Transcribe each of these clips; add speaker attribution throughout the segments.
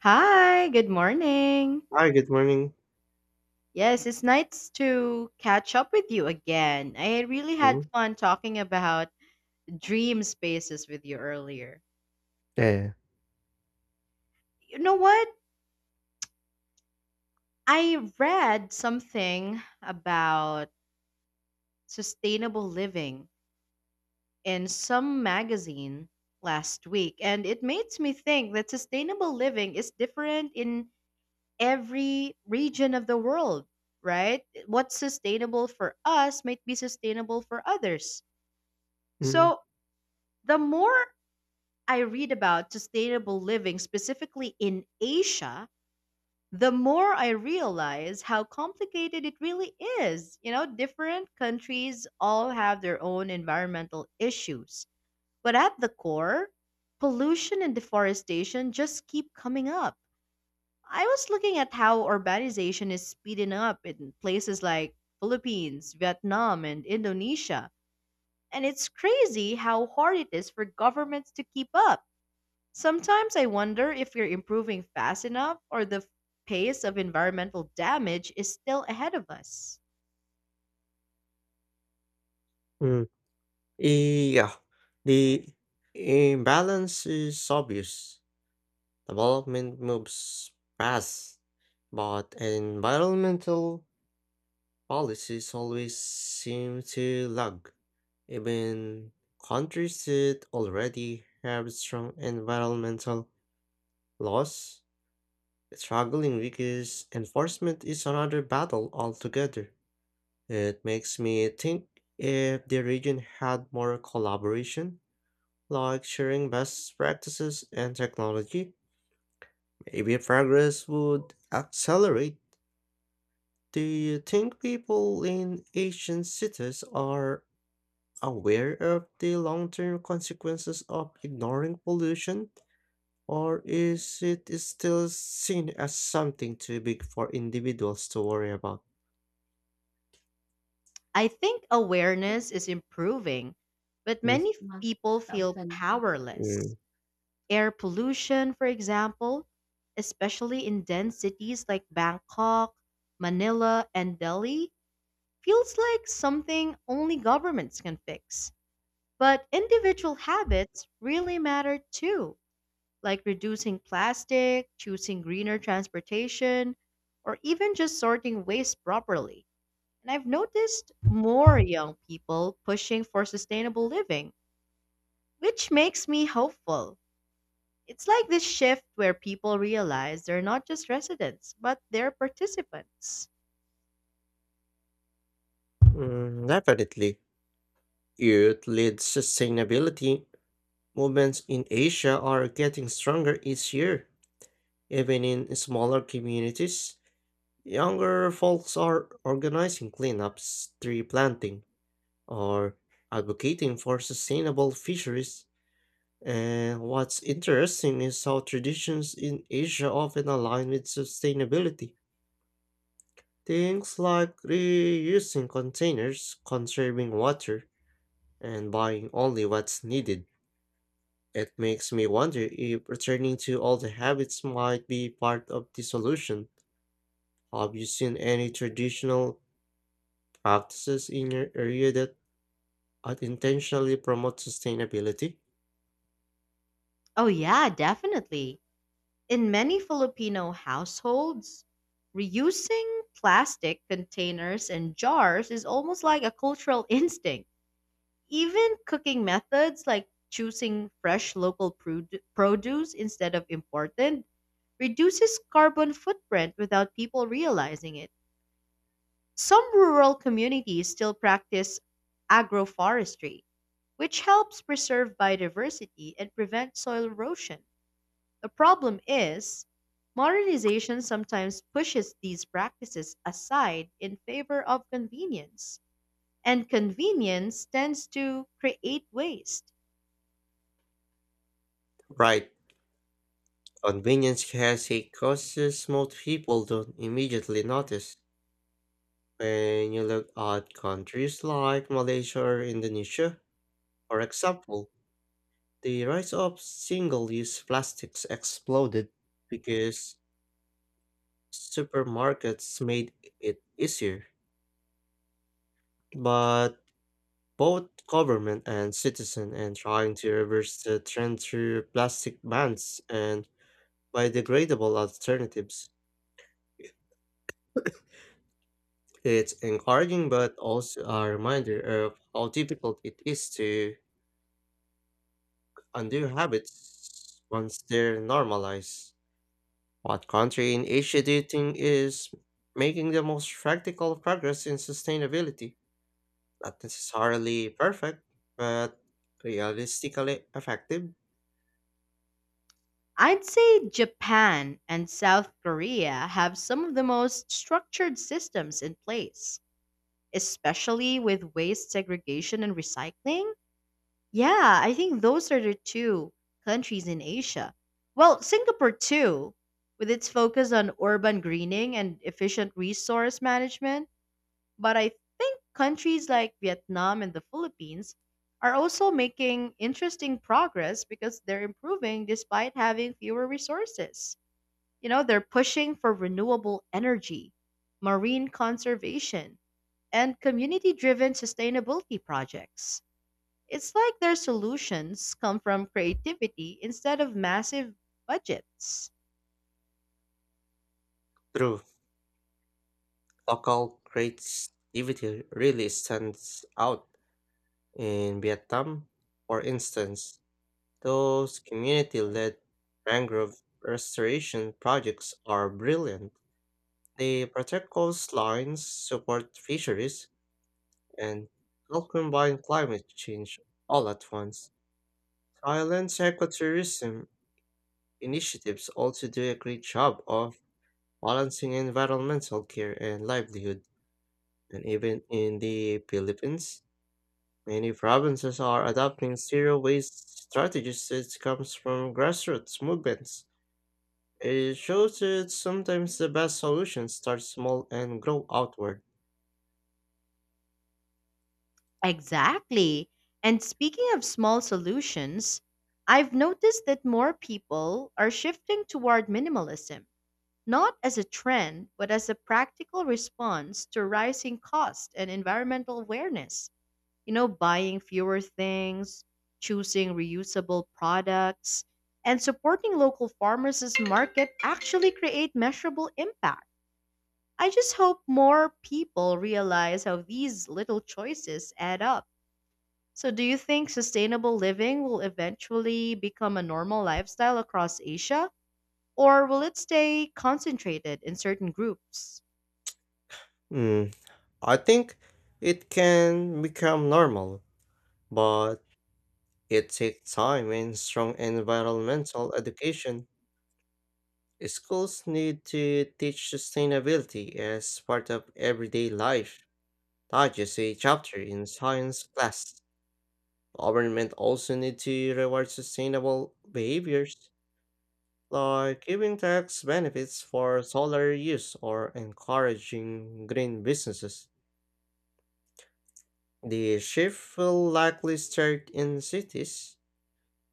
Speaker 1: Hi, good morning.
Speaker 2: Hi, good morning.
Speaker 1: Yes, it's nice to catch up with you again. I really
Speaker 2: Mhm.
Speaker 1: had fun talking about dream spaces with you earlier.
Speaker 2: Yeah.
Speaker 1: You know what? I read something about sustainable living in some magazine last week, and it makes me think that sustainable living is different in every region of the world, right? What's sustainable for us might be sustainable for others.
Speaker 2: Mm,
Speaker 1: So, the more I read about sustainable living, specifically in Asia, the more I realize how complicated it really is. You know, different countries all have their own environmental issues. But at the core, pollution and deforestation just keep coming up. I was looking at how urbanization is speeding up in places like Philippines, Vietnam, and Indonesia. And it's crazy how hard it is for governments to keep up. Sometimes I wonder if we're improving fast enough or the pace of environmental damage is still ahead of us.
Speaker 2: mm. Eh, yeah, the imbalance is obvious. Development moves fast, but environmental policies always seem to lag. Even countries that already have strong environmental laws, struggling because enforcement is another battle altogether. It makes me think if the region had more collaboration, like sharing best practices and technology, maybe progress would accelerate. Do you think people in Asian cities are aware of the long term consequences of ignoring pollution, or is it still seen as something too big for individuals to worry about?
Speaker 1: I think awareness is improving, but
Speaker 2: Mm,
Speaker 1: many people feel powerless.
Speaker 2: mm,
Speaker 1: Air pollution, for example, especially in dense cities like Bangkok, Manila, and Delhi, feels like something only governments can fix. But individual habits really matter too, like reducing plastic, choosing greener transportation, or even just sorting waste properly. And I've noticed more young people pushing for sustainable living, which makes me hopeful. It's like this shift where people realize they're not just residents, but they're participants.
Speaker 2: definitely. Youth led sustainability movements in Asia are getting stronger each year. Even in smaller communities, younger folks are organizing cleanups, tree planting, or advocating for sustainable fisheries. And what's interesting is how traditions in Asia often align with sustainability. Things like reusing containers, conserving water, and buying only what's needed. It makes me wonder if returning to old habits might be part of the solution. Have you seen any traditional practices in your area that unintentionally promote sustainability?
Speaker 1: Oh, yeah, definitely. In many Filipino households, reusing plastic containers and jars is almost like a cultural instinct. Even cooking methods like choosing fresh local produce instead of imported reduces carbon footprint without people realizing it. Some rural communities still practice agroforestry, which helps preserve biodiversity and prevent soil erosion. The problem is, modernization sometimes pushes these practices aside in favor of convenience, and convenience tends to create waste.
Speaker 2: Right. Convenience has a cost most people don't immediately notice. When you look at countries like Malaysia or Indonesia, for example, the rise of single use plastics exploded because supermarkets made it easier, but both government and citizen and trying to reverse the trend through plastic bans and biodegradable alternatives. It's encouraging but also a reminder of how difficult it is to undo habits once they're normalized. What country in Asia do you think is making the most practical progress in sustainability? Not necessarily perfect, but realistically effective.
Speaker 1: I'd say Japan and South Korea have some of the most structured systems in place, especially with waste segregation and recycling. Yeah, I think those are the two countries in Asia. Well, Singapore too, with its focus on urban greening and efficient resource management. But I think countries like Vietnam and the Philippines are also making interesting progress because they're improving despite having fewer resources. You know, they're pushing for renewable energy, marine conservation, and community driven sustainability projects. It's like their solutions come from creativity instead of massive budgets.
Speaker 2: True, local creativity really stands out. In Vietnam, for instance, those community led mangrove restoration projects are brilliant. They protect coast lines, support fisheries, and help combine climate change all at once. Thailand's ecotourism initiatives also do a great job of balancing environmental care and livelihood. And even in the Philippines, many provinces are adopting zero waste strategies that comes from grassroots movements. It shows that sometimes the best solutions start small and grow outward.
Speaker 1: Exactly. And speaking of small solutions, I've noticed that more people are shifting toward minimalism, not as a trend, but as a practical response to rising cost and environmental awareness. You know, buying fewer things, choosing reusable products, and supporting local farmers as market actually create measurable impact. I just hope more people realize how these little choices add up. So, do you think sustainable living will eventually become a normal lifestyle across Asia, or will it stay concentrated in certain groups?
Speaker 2: Mm, I think it can become normal, but it takes time and strong environmental education. Schools need to teach sustainability as part of everyday life, not just a chapter in science class. Government also need to reward sustainable behaviors, like giving tax benefits for solar use or encouraging green businesses. The shift will likely start in cities.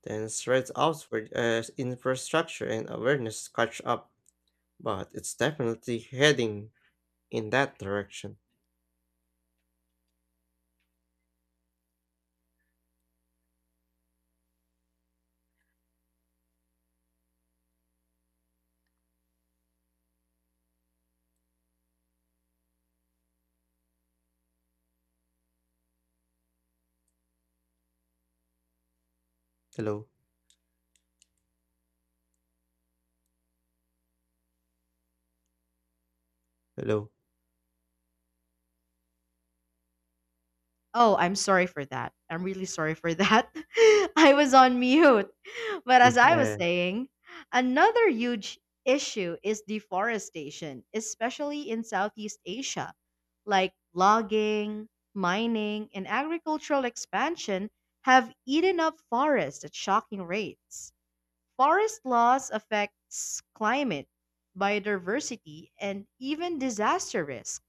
Speaker 2: Then threads outward as infrastructure and awareness catch up, but it's definitely heading in that direction. Hello, hello.
Speaker 1: Oh, I'm sorry for that. I'm really sorry for that. I was on mute. But
Speaker 2: Mm,
Speaker 1: as I was
Speaker 2: eh.
Speaker 1: saying, another huge issue is deforestation, especially in Southeast Asia. Like logging, mining, and agricultural expansion have eaten up forests at shocking rates. Forest loss affects climate, biodiversity, and even disaster risk.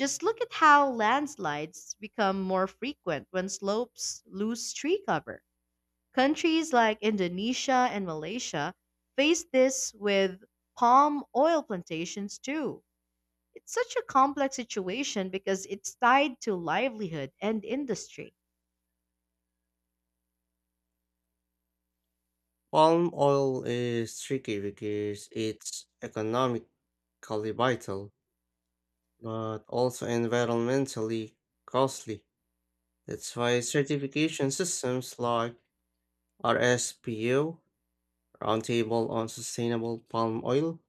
Speaker 1: Just look at how landslides become more frequent when slopes lose tree cover. Countries like Indonesia and Malaysia face this with palm oil plantations too. It's such a complex situation because it's tied to livelihood and industry.
Speaker 2: Palm oil is tricky because it's economically vital, but also environmentally costly. That's why certification systems like RSPO, Roundtable on Sustainable Palm Oil,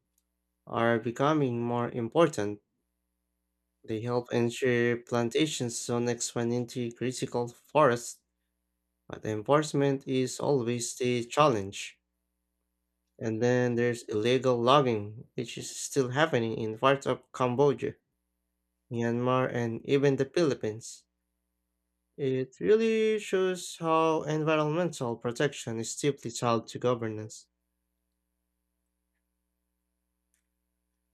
Speaker 2: are becoming more important. They help ensure plantations don't expand into critical forests, but enforcement is always the challenge. And then there's illegal logging, which is still happening in parts of Cambodia, Myanmar, and even the Philippines. It really shows how environmental protection is deeply tied to governance.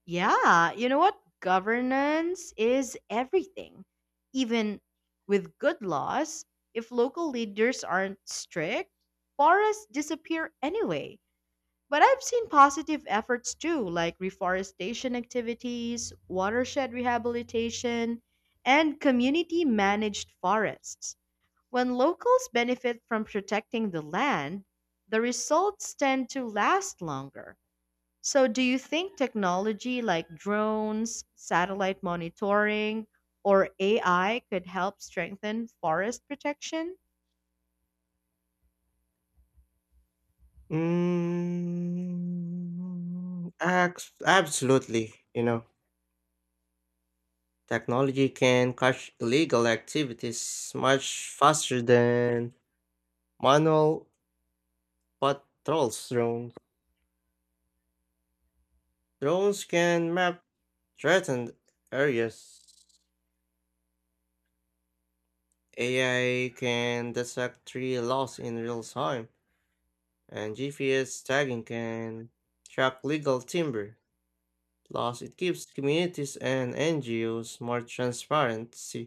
Speaker 1: Yeah, you know what? Governance is everything. Even with good laws, if local leaders aren't strict, forests disappear anyway. But I've seen positive efforts too, like reforestation activities, watershed rehabilitation, and community managed forests. When locals benefit from protecting the land, the results tend to last longer. So, do you think technology like drones, satellite monitoring, or AI could help strengthen forest protection?
Speaker 2: Absolutely, you know. Technology can catch illegal activities much faster than manual patrols drones. Drones can map threatened areas. AI can detect tree loss in real time, and GPS tagging can track legal timber loss. It gives communities and NGOs more transparency.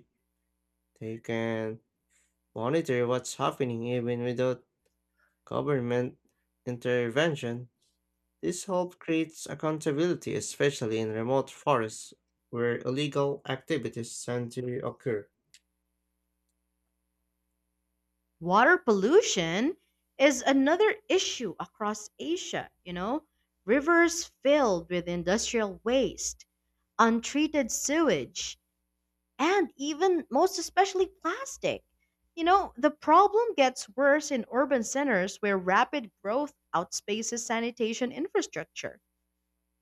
Speaker 2: They can monitor what's happening even without government intervention. This help creates accountability, especially in remote forests where illegal activities tend to occur.
Speaker 1: Water pollution is another issue across Asia, you know. Rivers filled with industrial waste, untreated sewage, and even most especially plastic. You know, the problem gets worse in urban centers where rapid growth outspaces sanitation infrastructure.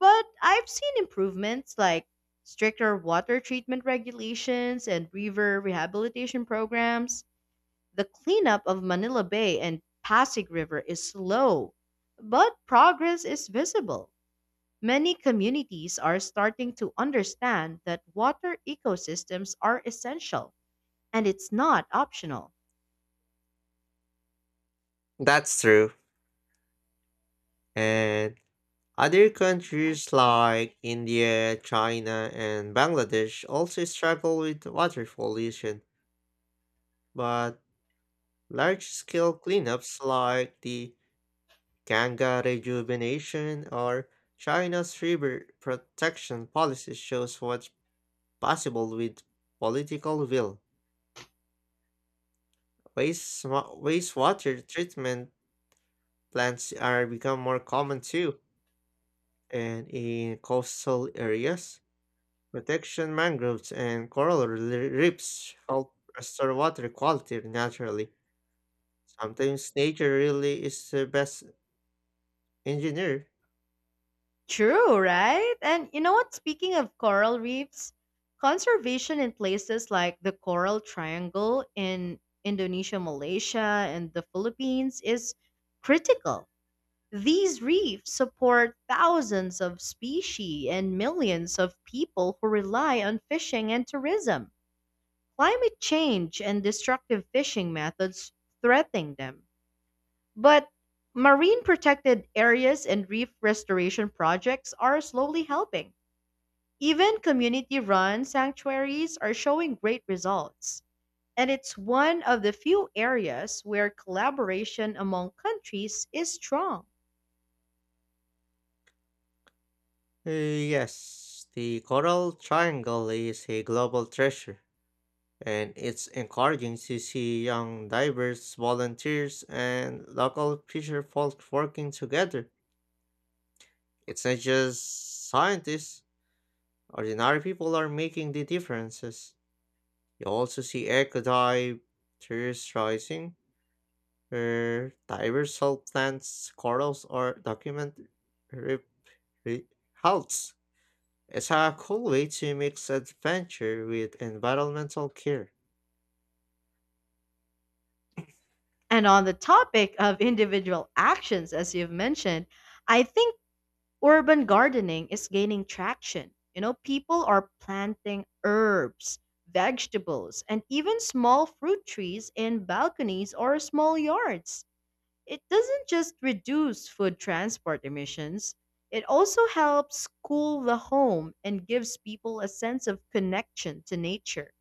Speaker 1: But I've seen improvements like stricter water treatment regulations and river rehabilitation programs. The cleanup of Manila Bay and Pasig River is slow, but progress is visible. Many communities are starting to understand that water ecosystems are essential and it's not optional.
Speaker 2: That's true. And other countries like India, China, and Bangladesh also struggle with water pollution, but large scale cleanups like the Ganga rejuvenation or China's river protection policy shows what's possible with political will. Wastewater treatment plants are become more common too, and in coastal areas, protection mangroves and reefs help restore water quality naturally. Sometimes nature really is the best engineer.
Speaker 1: True, right? And you know what? Speaking of coral reefs, conservation in places like the Coral Triangle in Indonesia, Malaysia, and the Philippines is critical. These reefs support thousands of species and millions of people who rely on fishing and tourism. Climate change and destructive fishing methods threaten them. But marine protected areas and reef restoration projects are slowly helping. Even community run sanctuaries are showing great results. And it's one of the few areas where collaboration among countries is strong.
Speaker 2: Uh, yes, the coral triangle is a global treasure, and it's encouraging to see young divers, volunteers, and local fisher folk working together. It's not just scientists, ordinary people are making the differences. You also see eco divers rising, where divers help plants, corals, or document re- re- halts. It's a cool way to mix adventure with environmental care.
Speaker 1: And on the topic of individual actions, as you've mentioned, I think urban gardening is gaining traction. You know, people are planting herbs, vegetables, and even small fruit trees in balconies or small yards. It doesn't just reduce food transport emissions, it also helps cool the home and gives people a sense of connection to nature.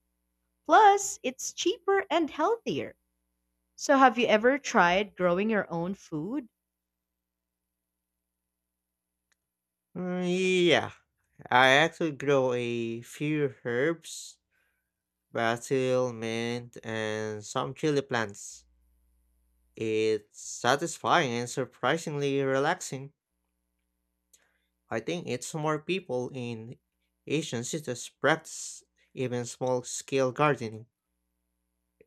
Speaker 1: Plus, it's cheaper and healthier. So, have you ever tried growing your own food?
Speaker 2: Mm, yeah, I actually grow a few herbs, basil, mint, and some chili plants. It's satisfying and surprisingly relaxing. I think it's more people in Asian cities practice even small scale gardening.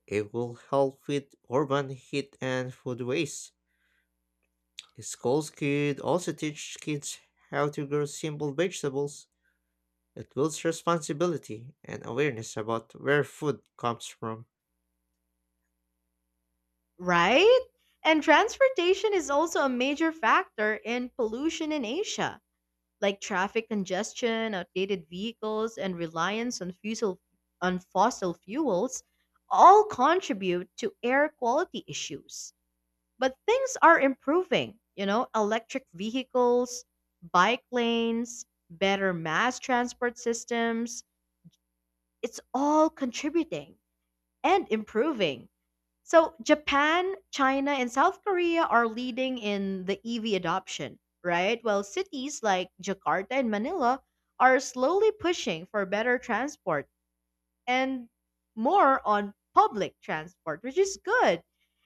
Speaker 2: It will help with urban heat and food waste. Schools could also teach kids how to grow simple vegetables. It builds responsibility and awareness about where food comes from.
Speaker 1: Right? And transportation is also a major factor in pollution in Asia, like traffic congestion, outdated vehicles, and reliance on fossil fuels all contribute to air quality issues. But things are improving, you know, electric vehicles, bike lanes, better mass transport systems, it's all contributing and improving. So Japan, China, and South Korea are leading in the EV adoption, right? While cities like Jakarta and Manila are slowly pushing for better transport and more on public transport, which is good.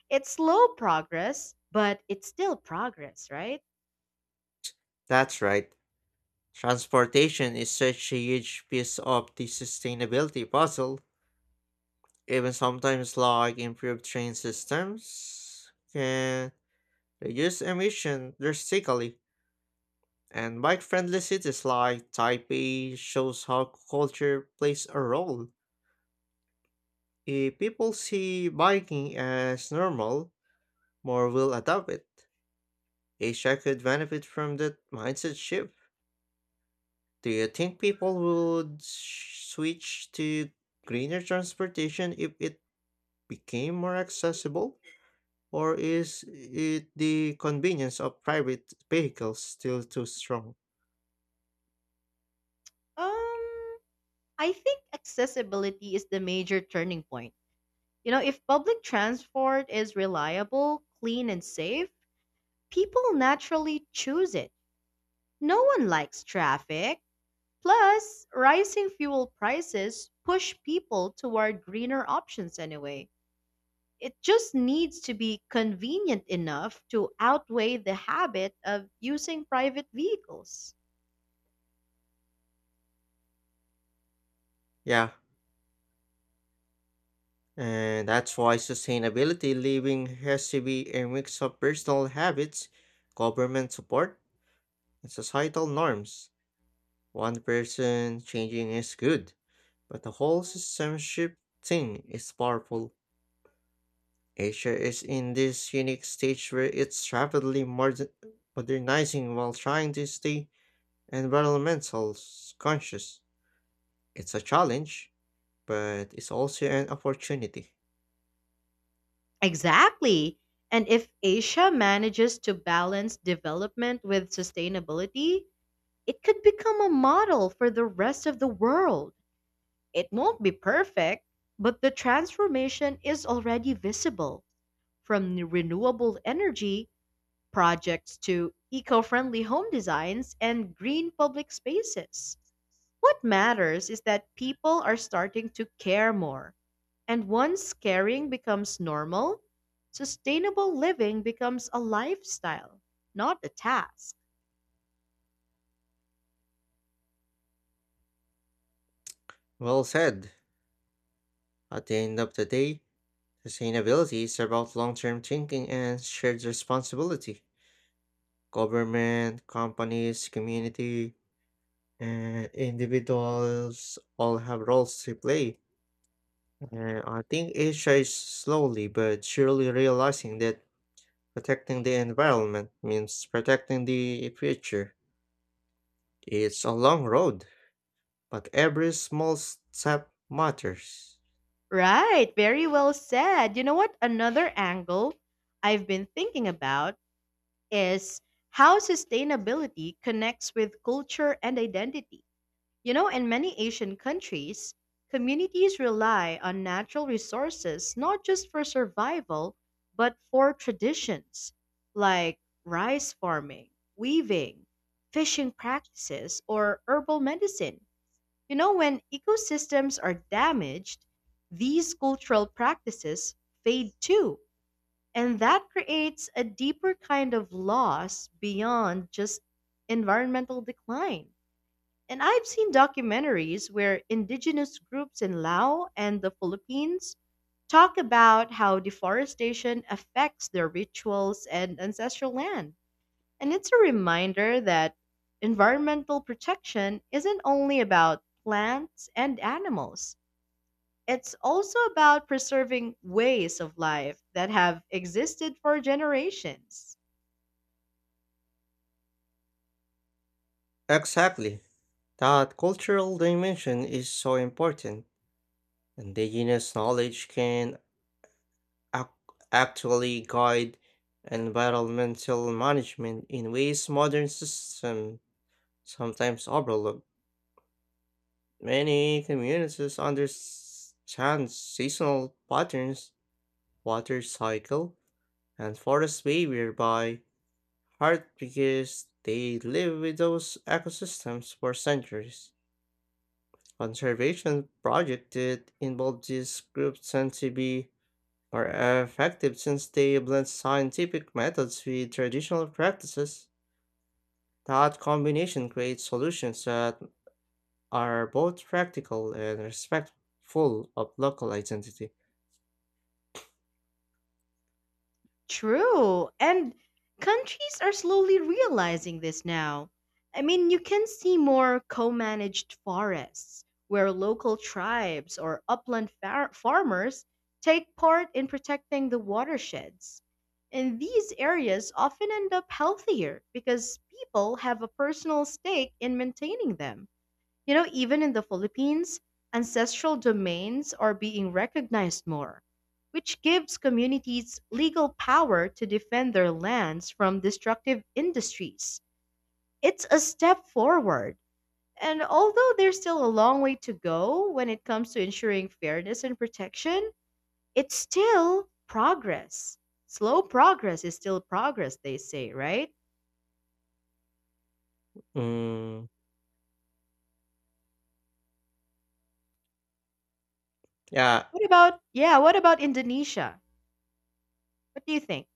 Speaker 1: It's slow progress, but it's still progress, right?
Speaker 2: That's right. Transportation is such a huge piece of the sustainability puzzle. Even sometimes like improved train systems can reduce emission drastically. And bike-friendly cities like Taipei shows how culture plays a role. If people see biking as normal, more will adopt it. Asia could benefit from that mindset shift. Do you think people would switch to greener transportation if it became more accessible? Or is it the convenience of private vehicles still too strong?
Speaker 1: Um, I think accessibility is the major turning point. You know, if public transport is reliable, clean, and safe, people naturally choose it. No one likes traffic. Plus, rising fuel prices push people toward greener options anyway. It just needs to be convenient enough to outweigh the habit of using private vehicles.
Speaker 2: Yeah, and that's why sustainability living has to be a mix of personal habits, government support, and societal norms. One person changing is good, but the whole system shifting is powerful. Asia is in this unique stage where it's rapidly modernizing while trying to stay conscious. It's a challenge, but it's also an opportunity.
Speaker 1: Exactly. And if Asia manages to balance development with sustainability, it could become a model for the rest of the world. It won't be perfect, but the transformation is already visible, from renewable energy projects to eco friendly home designs and green public spaces. What matters is that people are starting to care more. And once caring becomes normal, sustainable living becomes a lifestyle, not a task.
Speaker 2: Well said. At the end of the day, sustainability is about long term thinking and shared responsibility. Government, companies, community, and individuals all have roles to play. And I think Asia is slowly but surely realizing that protecting the environment means protecting the future. It's a long road, but every small step matters.
Speaker 1: Right, very well said. You know what? Another angle I've been thinking about is how sustainability connects with culture and identity. You know, in many Asian countries, communities rely on natural resources not just for survival, but for traditions like rice farming, weaving, fishing practices, or herbal medicine. You know, when ecosystems are damaged, these cultural practices fade too. And that creates a deeper kind of loss beyond just environmental decline. And I've seen documentaries where indigenous groups in Laos and the Philippines talk about how deforestation affects their rituals and ancestral land. And it's a reminder that environmental protection isn't only about plants and animals, it's also about preserving ways of life that have existed for generations.
Speaker 2: Exactly. That cultural dimension is so important, indigenous knowledge can ac- actually guide environmental management in ways modern systems sometimes overlook. Many communities understand seasonal patterns, water cycle, and forest behavior by heart because they live with those ecosystems for centuries. Conservation projects that involve these groups tend to be more effective since they blend scientific methods with traditional practices. That combination creates solutions that are both practical and respectful of local identity.
Speaker 1: True. And countries are slowly realizing this now. I mean, you can see more co managed forests where local tribes or upland farmers take part in protecting the watersheds. And these areas often end up healthier because people have a personal stake in maintaining them. You know, even in the Philippines, ancestral domains are being recognized more, which gives communities legal power to defend their lands from destructive industries. It's a step forward. And although there's still a long way to go when it comes to ensuring fairness and protection, it's still progress. Slow progress is still progress, they say, right?
Speaker 2: Mm, yeah,
Speaker 1: What about, yeah, what about Indonesia? What do you think?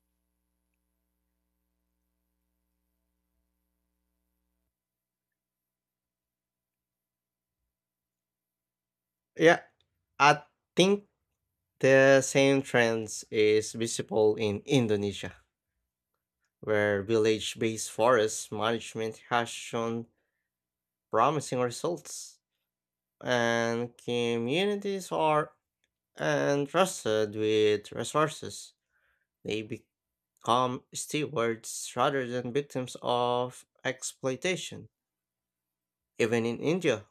Speaker 2: yeah. I think the same trends is visible in Indonesia, where village-based forest management has shown promising results, and communities are entrusted with resources. They become stewards rather than victims of exploitation. Even in India,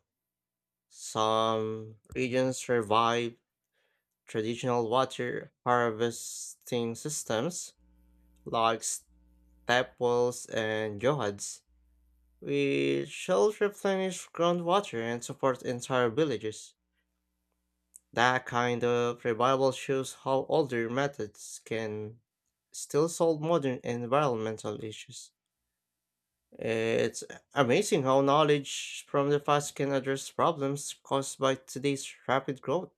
Speaker 2: some regions survive traditional water harvesting systems like tap wells, and johads, which help replenish groundwater and support entire villages. That kind of revival shows how older methods can still solve modern environmental issues. It's amazing how knowledge from the past can address problems caused by today's rapid growth.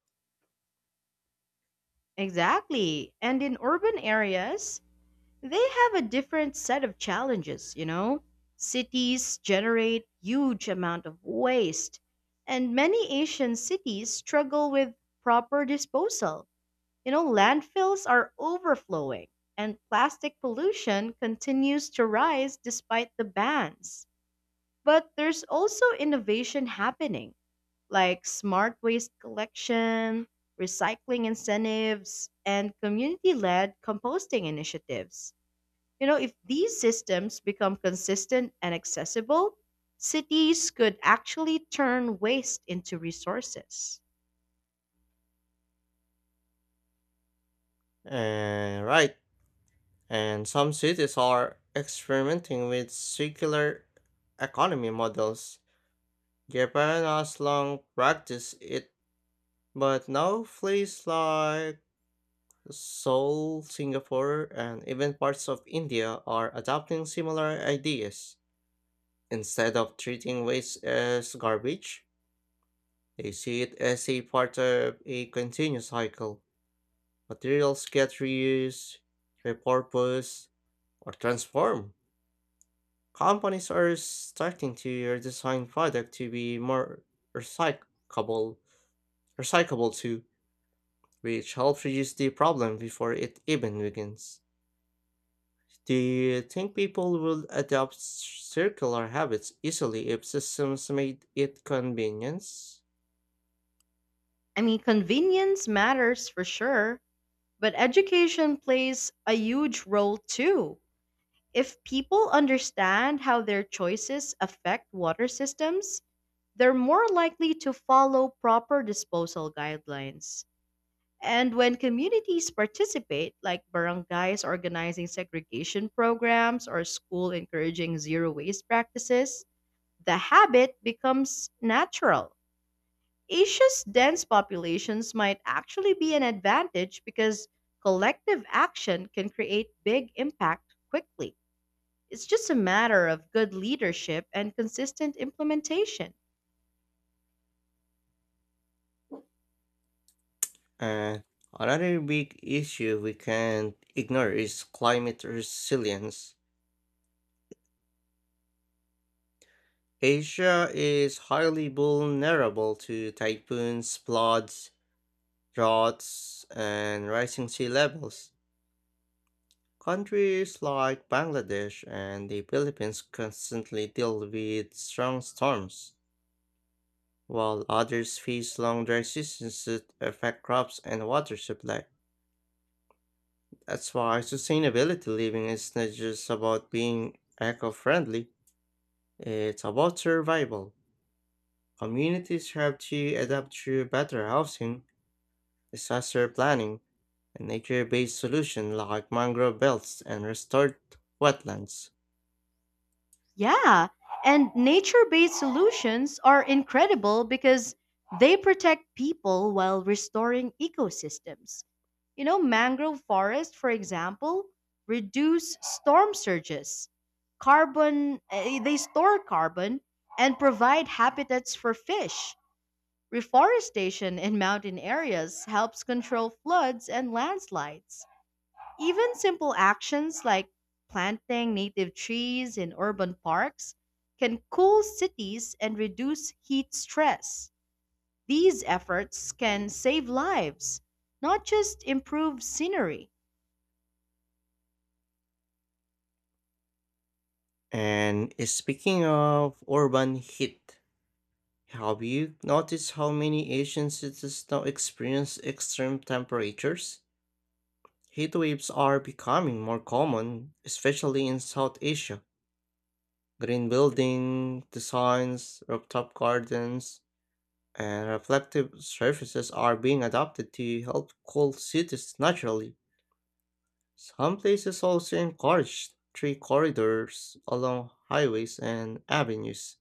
Speaker 1: Exactly. And in urban areas, they have a different set of challenges, you know? Cities generate huge amount of waste, and many Asian cities struggle with proper disposal. You know, landfills are overflowing, and plastic pollution continues to rise despite the bans. But there's also innovation happening like smart waste collection, recycling incentives, and community led composting initiatives. You know, if these systems become consistent and accessible, cities could actually turn waste into resources.
Speaker 2: And right, and some cities are experimenting with circular economy models. Japan has long practiced it, but now places like Seoul, Singapore, and even parts of India are adopting similar ideas. Instead of treating waste as garbage, they see it as a part of a continuous cycle. Materials get reused, repurposed, or transformed. Companies are starting to redesign products to be more recyclable, recyclable too, which helps reduce the problem before it even begins. Do you think people would adopt circular habits easily if systems made it convenience?
Speaker 1: I mean, convenience matters for sure, but education plays a huge role too. If people understand how their choices affect water systems, they're more likely to follow proper disposal guidelines. And when communities participate, like barangays organizing segregation programs or school encouraging zero waste practices, the habit becomes natural. Asia's dense populations might actually be an advantage because collective action can create big impact quickly. It's just a matter of good leadership and consistent implementation.
Speaker 2: And another big issue we can't ignore is climate resilience. Asia is highly vulnerable to typhoons, floods, droughts, and rising sea levels. Countries like Bangladesh and the Philippines constantly deal with strong storms, while others face long dry seasons that affect crops and water supply. That's why sustainability living is not just about being eco friendly, it's about survival. Communities have to adapt through better housing, disaster planning, and nature based solutions like mangrove belts and restored wetlands.
Speaker 1: Yeah, and nature based solutions are incredible because they protect people while restoring ecosystems. You know, mangrove forests, for example, reduce storm surges. They store carbon and provide habitats for fish. Reforestation in mountain areas helps control floods and landslides. Even simple actions like planting native trees in urban parks can cool cities and reduce heat stress. These efforts can save lives, not just improve scenery.
Speaker 2: And speaking of urban heat, have you noticed how many Asian cities now experience extreme temperatures? Heat waves are becoming more common, especially in South Asia. Green building designs, rooftop gardens, and reflective surfaces are being adopted to help cool cities naturally. Some places also encourage tree corridors along highways and avenues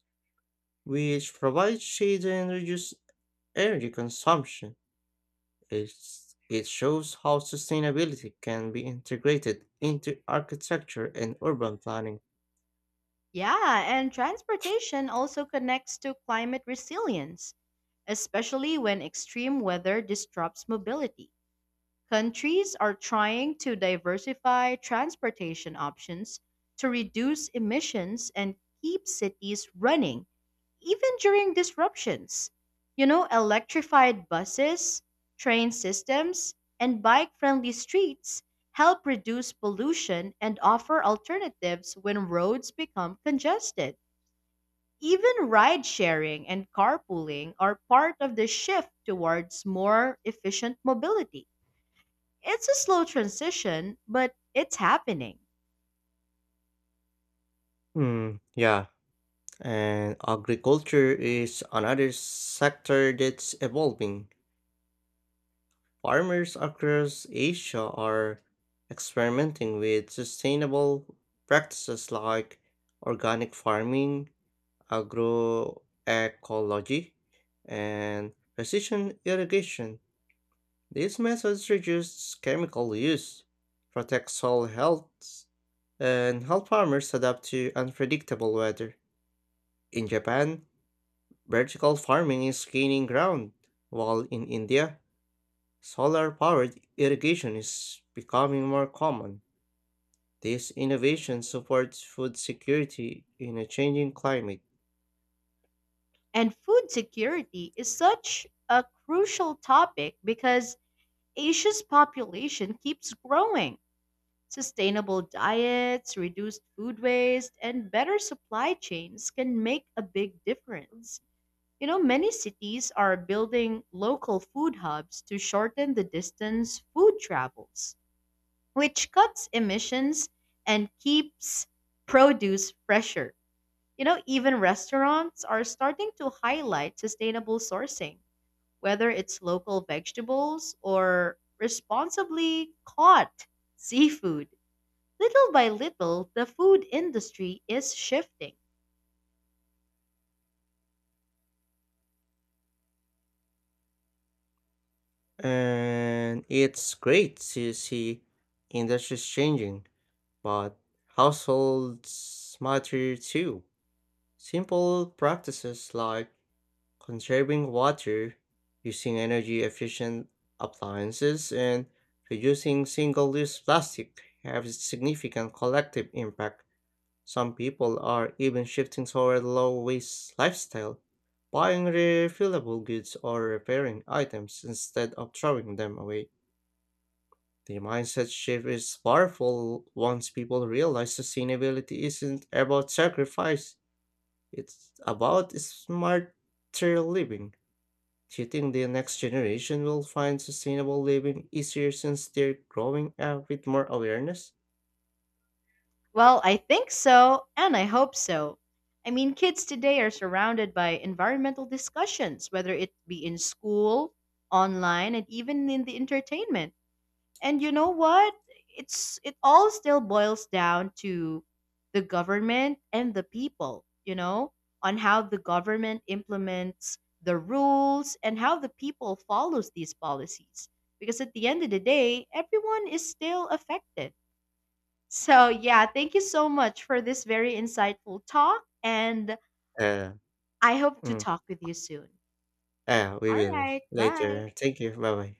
Speaker 2: which provides shade and reduces energy consumption. It shows how sustainability can be integrated into architecture and urban planning.
Speaker 1: Yeah, and transportation also connects to climate resilience, especially when extreme weather disrupts mobility. Countries are trying to diversify transportation options to reduce emissions and keep cities running, even during disruptions. You know, electrified buses, train systems, and bike friendly streets help reduce pollution and offer alternatives when roads become congested. Even ride sharing and carpooling are part of the shift towards more efficient mobility. It's a slow transition, but it's happening.
Speaker 2: Mm, yeah, and agriculture is another sector that's evolving. Farmers across Asia are experimenting with sustainable practices like organic farming, agroecology, and precision irrigation. These methods reduce chemical use, protect soil health, and help farmers adapt to unpredictable weather. In Japan, vertical farming is gaining ground, while in India, solar powered irrigation is becoming more common. These innovations support food security in a changing climate.
Speaker 1: And food security is such a crucial topic because Asia's population keeps growing. Sustainable diets, reduced food waste, and better supply chains can make a big difference. You know, many cities are building local food hubs to shorten the distance food travels, which cuts emissions and keeps produce fresher. You know, even restaurants are starting to highlight sustainable sourcing, whether it's local vegetables or responsibly caught seafood. Little by little, the food industry is shifting.
Speaker 2: And it's great to see industries changing, but households matter too. Simple practices like conserving water, using energy efficient appliances, and reducing single use plastic have significant collective impact. Some people are even shifting toward low waste lifestyle, buying refillable goods or repairing items instead of throwing them away. The mindset shift is powerful once people realize sustainability isn't about sacrifice, it's about smarter living. Do you think the next generation will find sustainable living easier since they're growing up with more awareness?
Speaker 1: Well, I think so, and I hope so. I mean, kids today are surrounded by environmental discussions, whether it be in school, online, and even in the entertainment. And you know what? It all still boils down to the government and the people, you know, on how the government implements the rules and how the people follows these policies. Because at the end of the day, everyone is still affected. So, yeah, thank you so much for this very insightful talk and
Speaker 2: Uh,
Speaker 1: I hope to
Speaker 2: mm,
Speaker 1: talk with you soon.
Speaker 2: we
Speaker 1: All
Speaker 2: will
Speaker 1: right, bye.
Speaker 2: later. Thank you. Bye bye.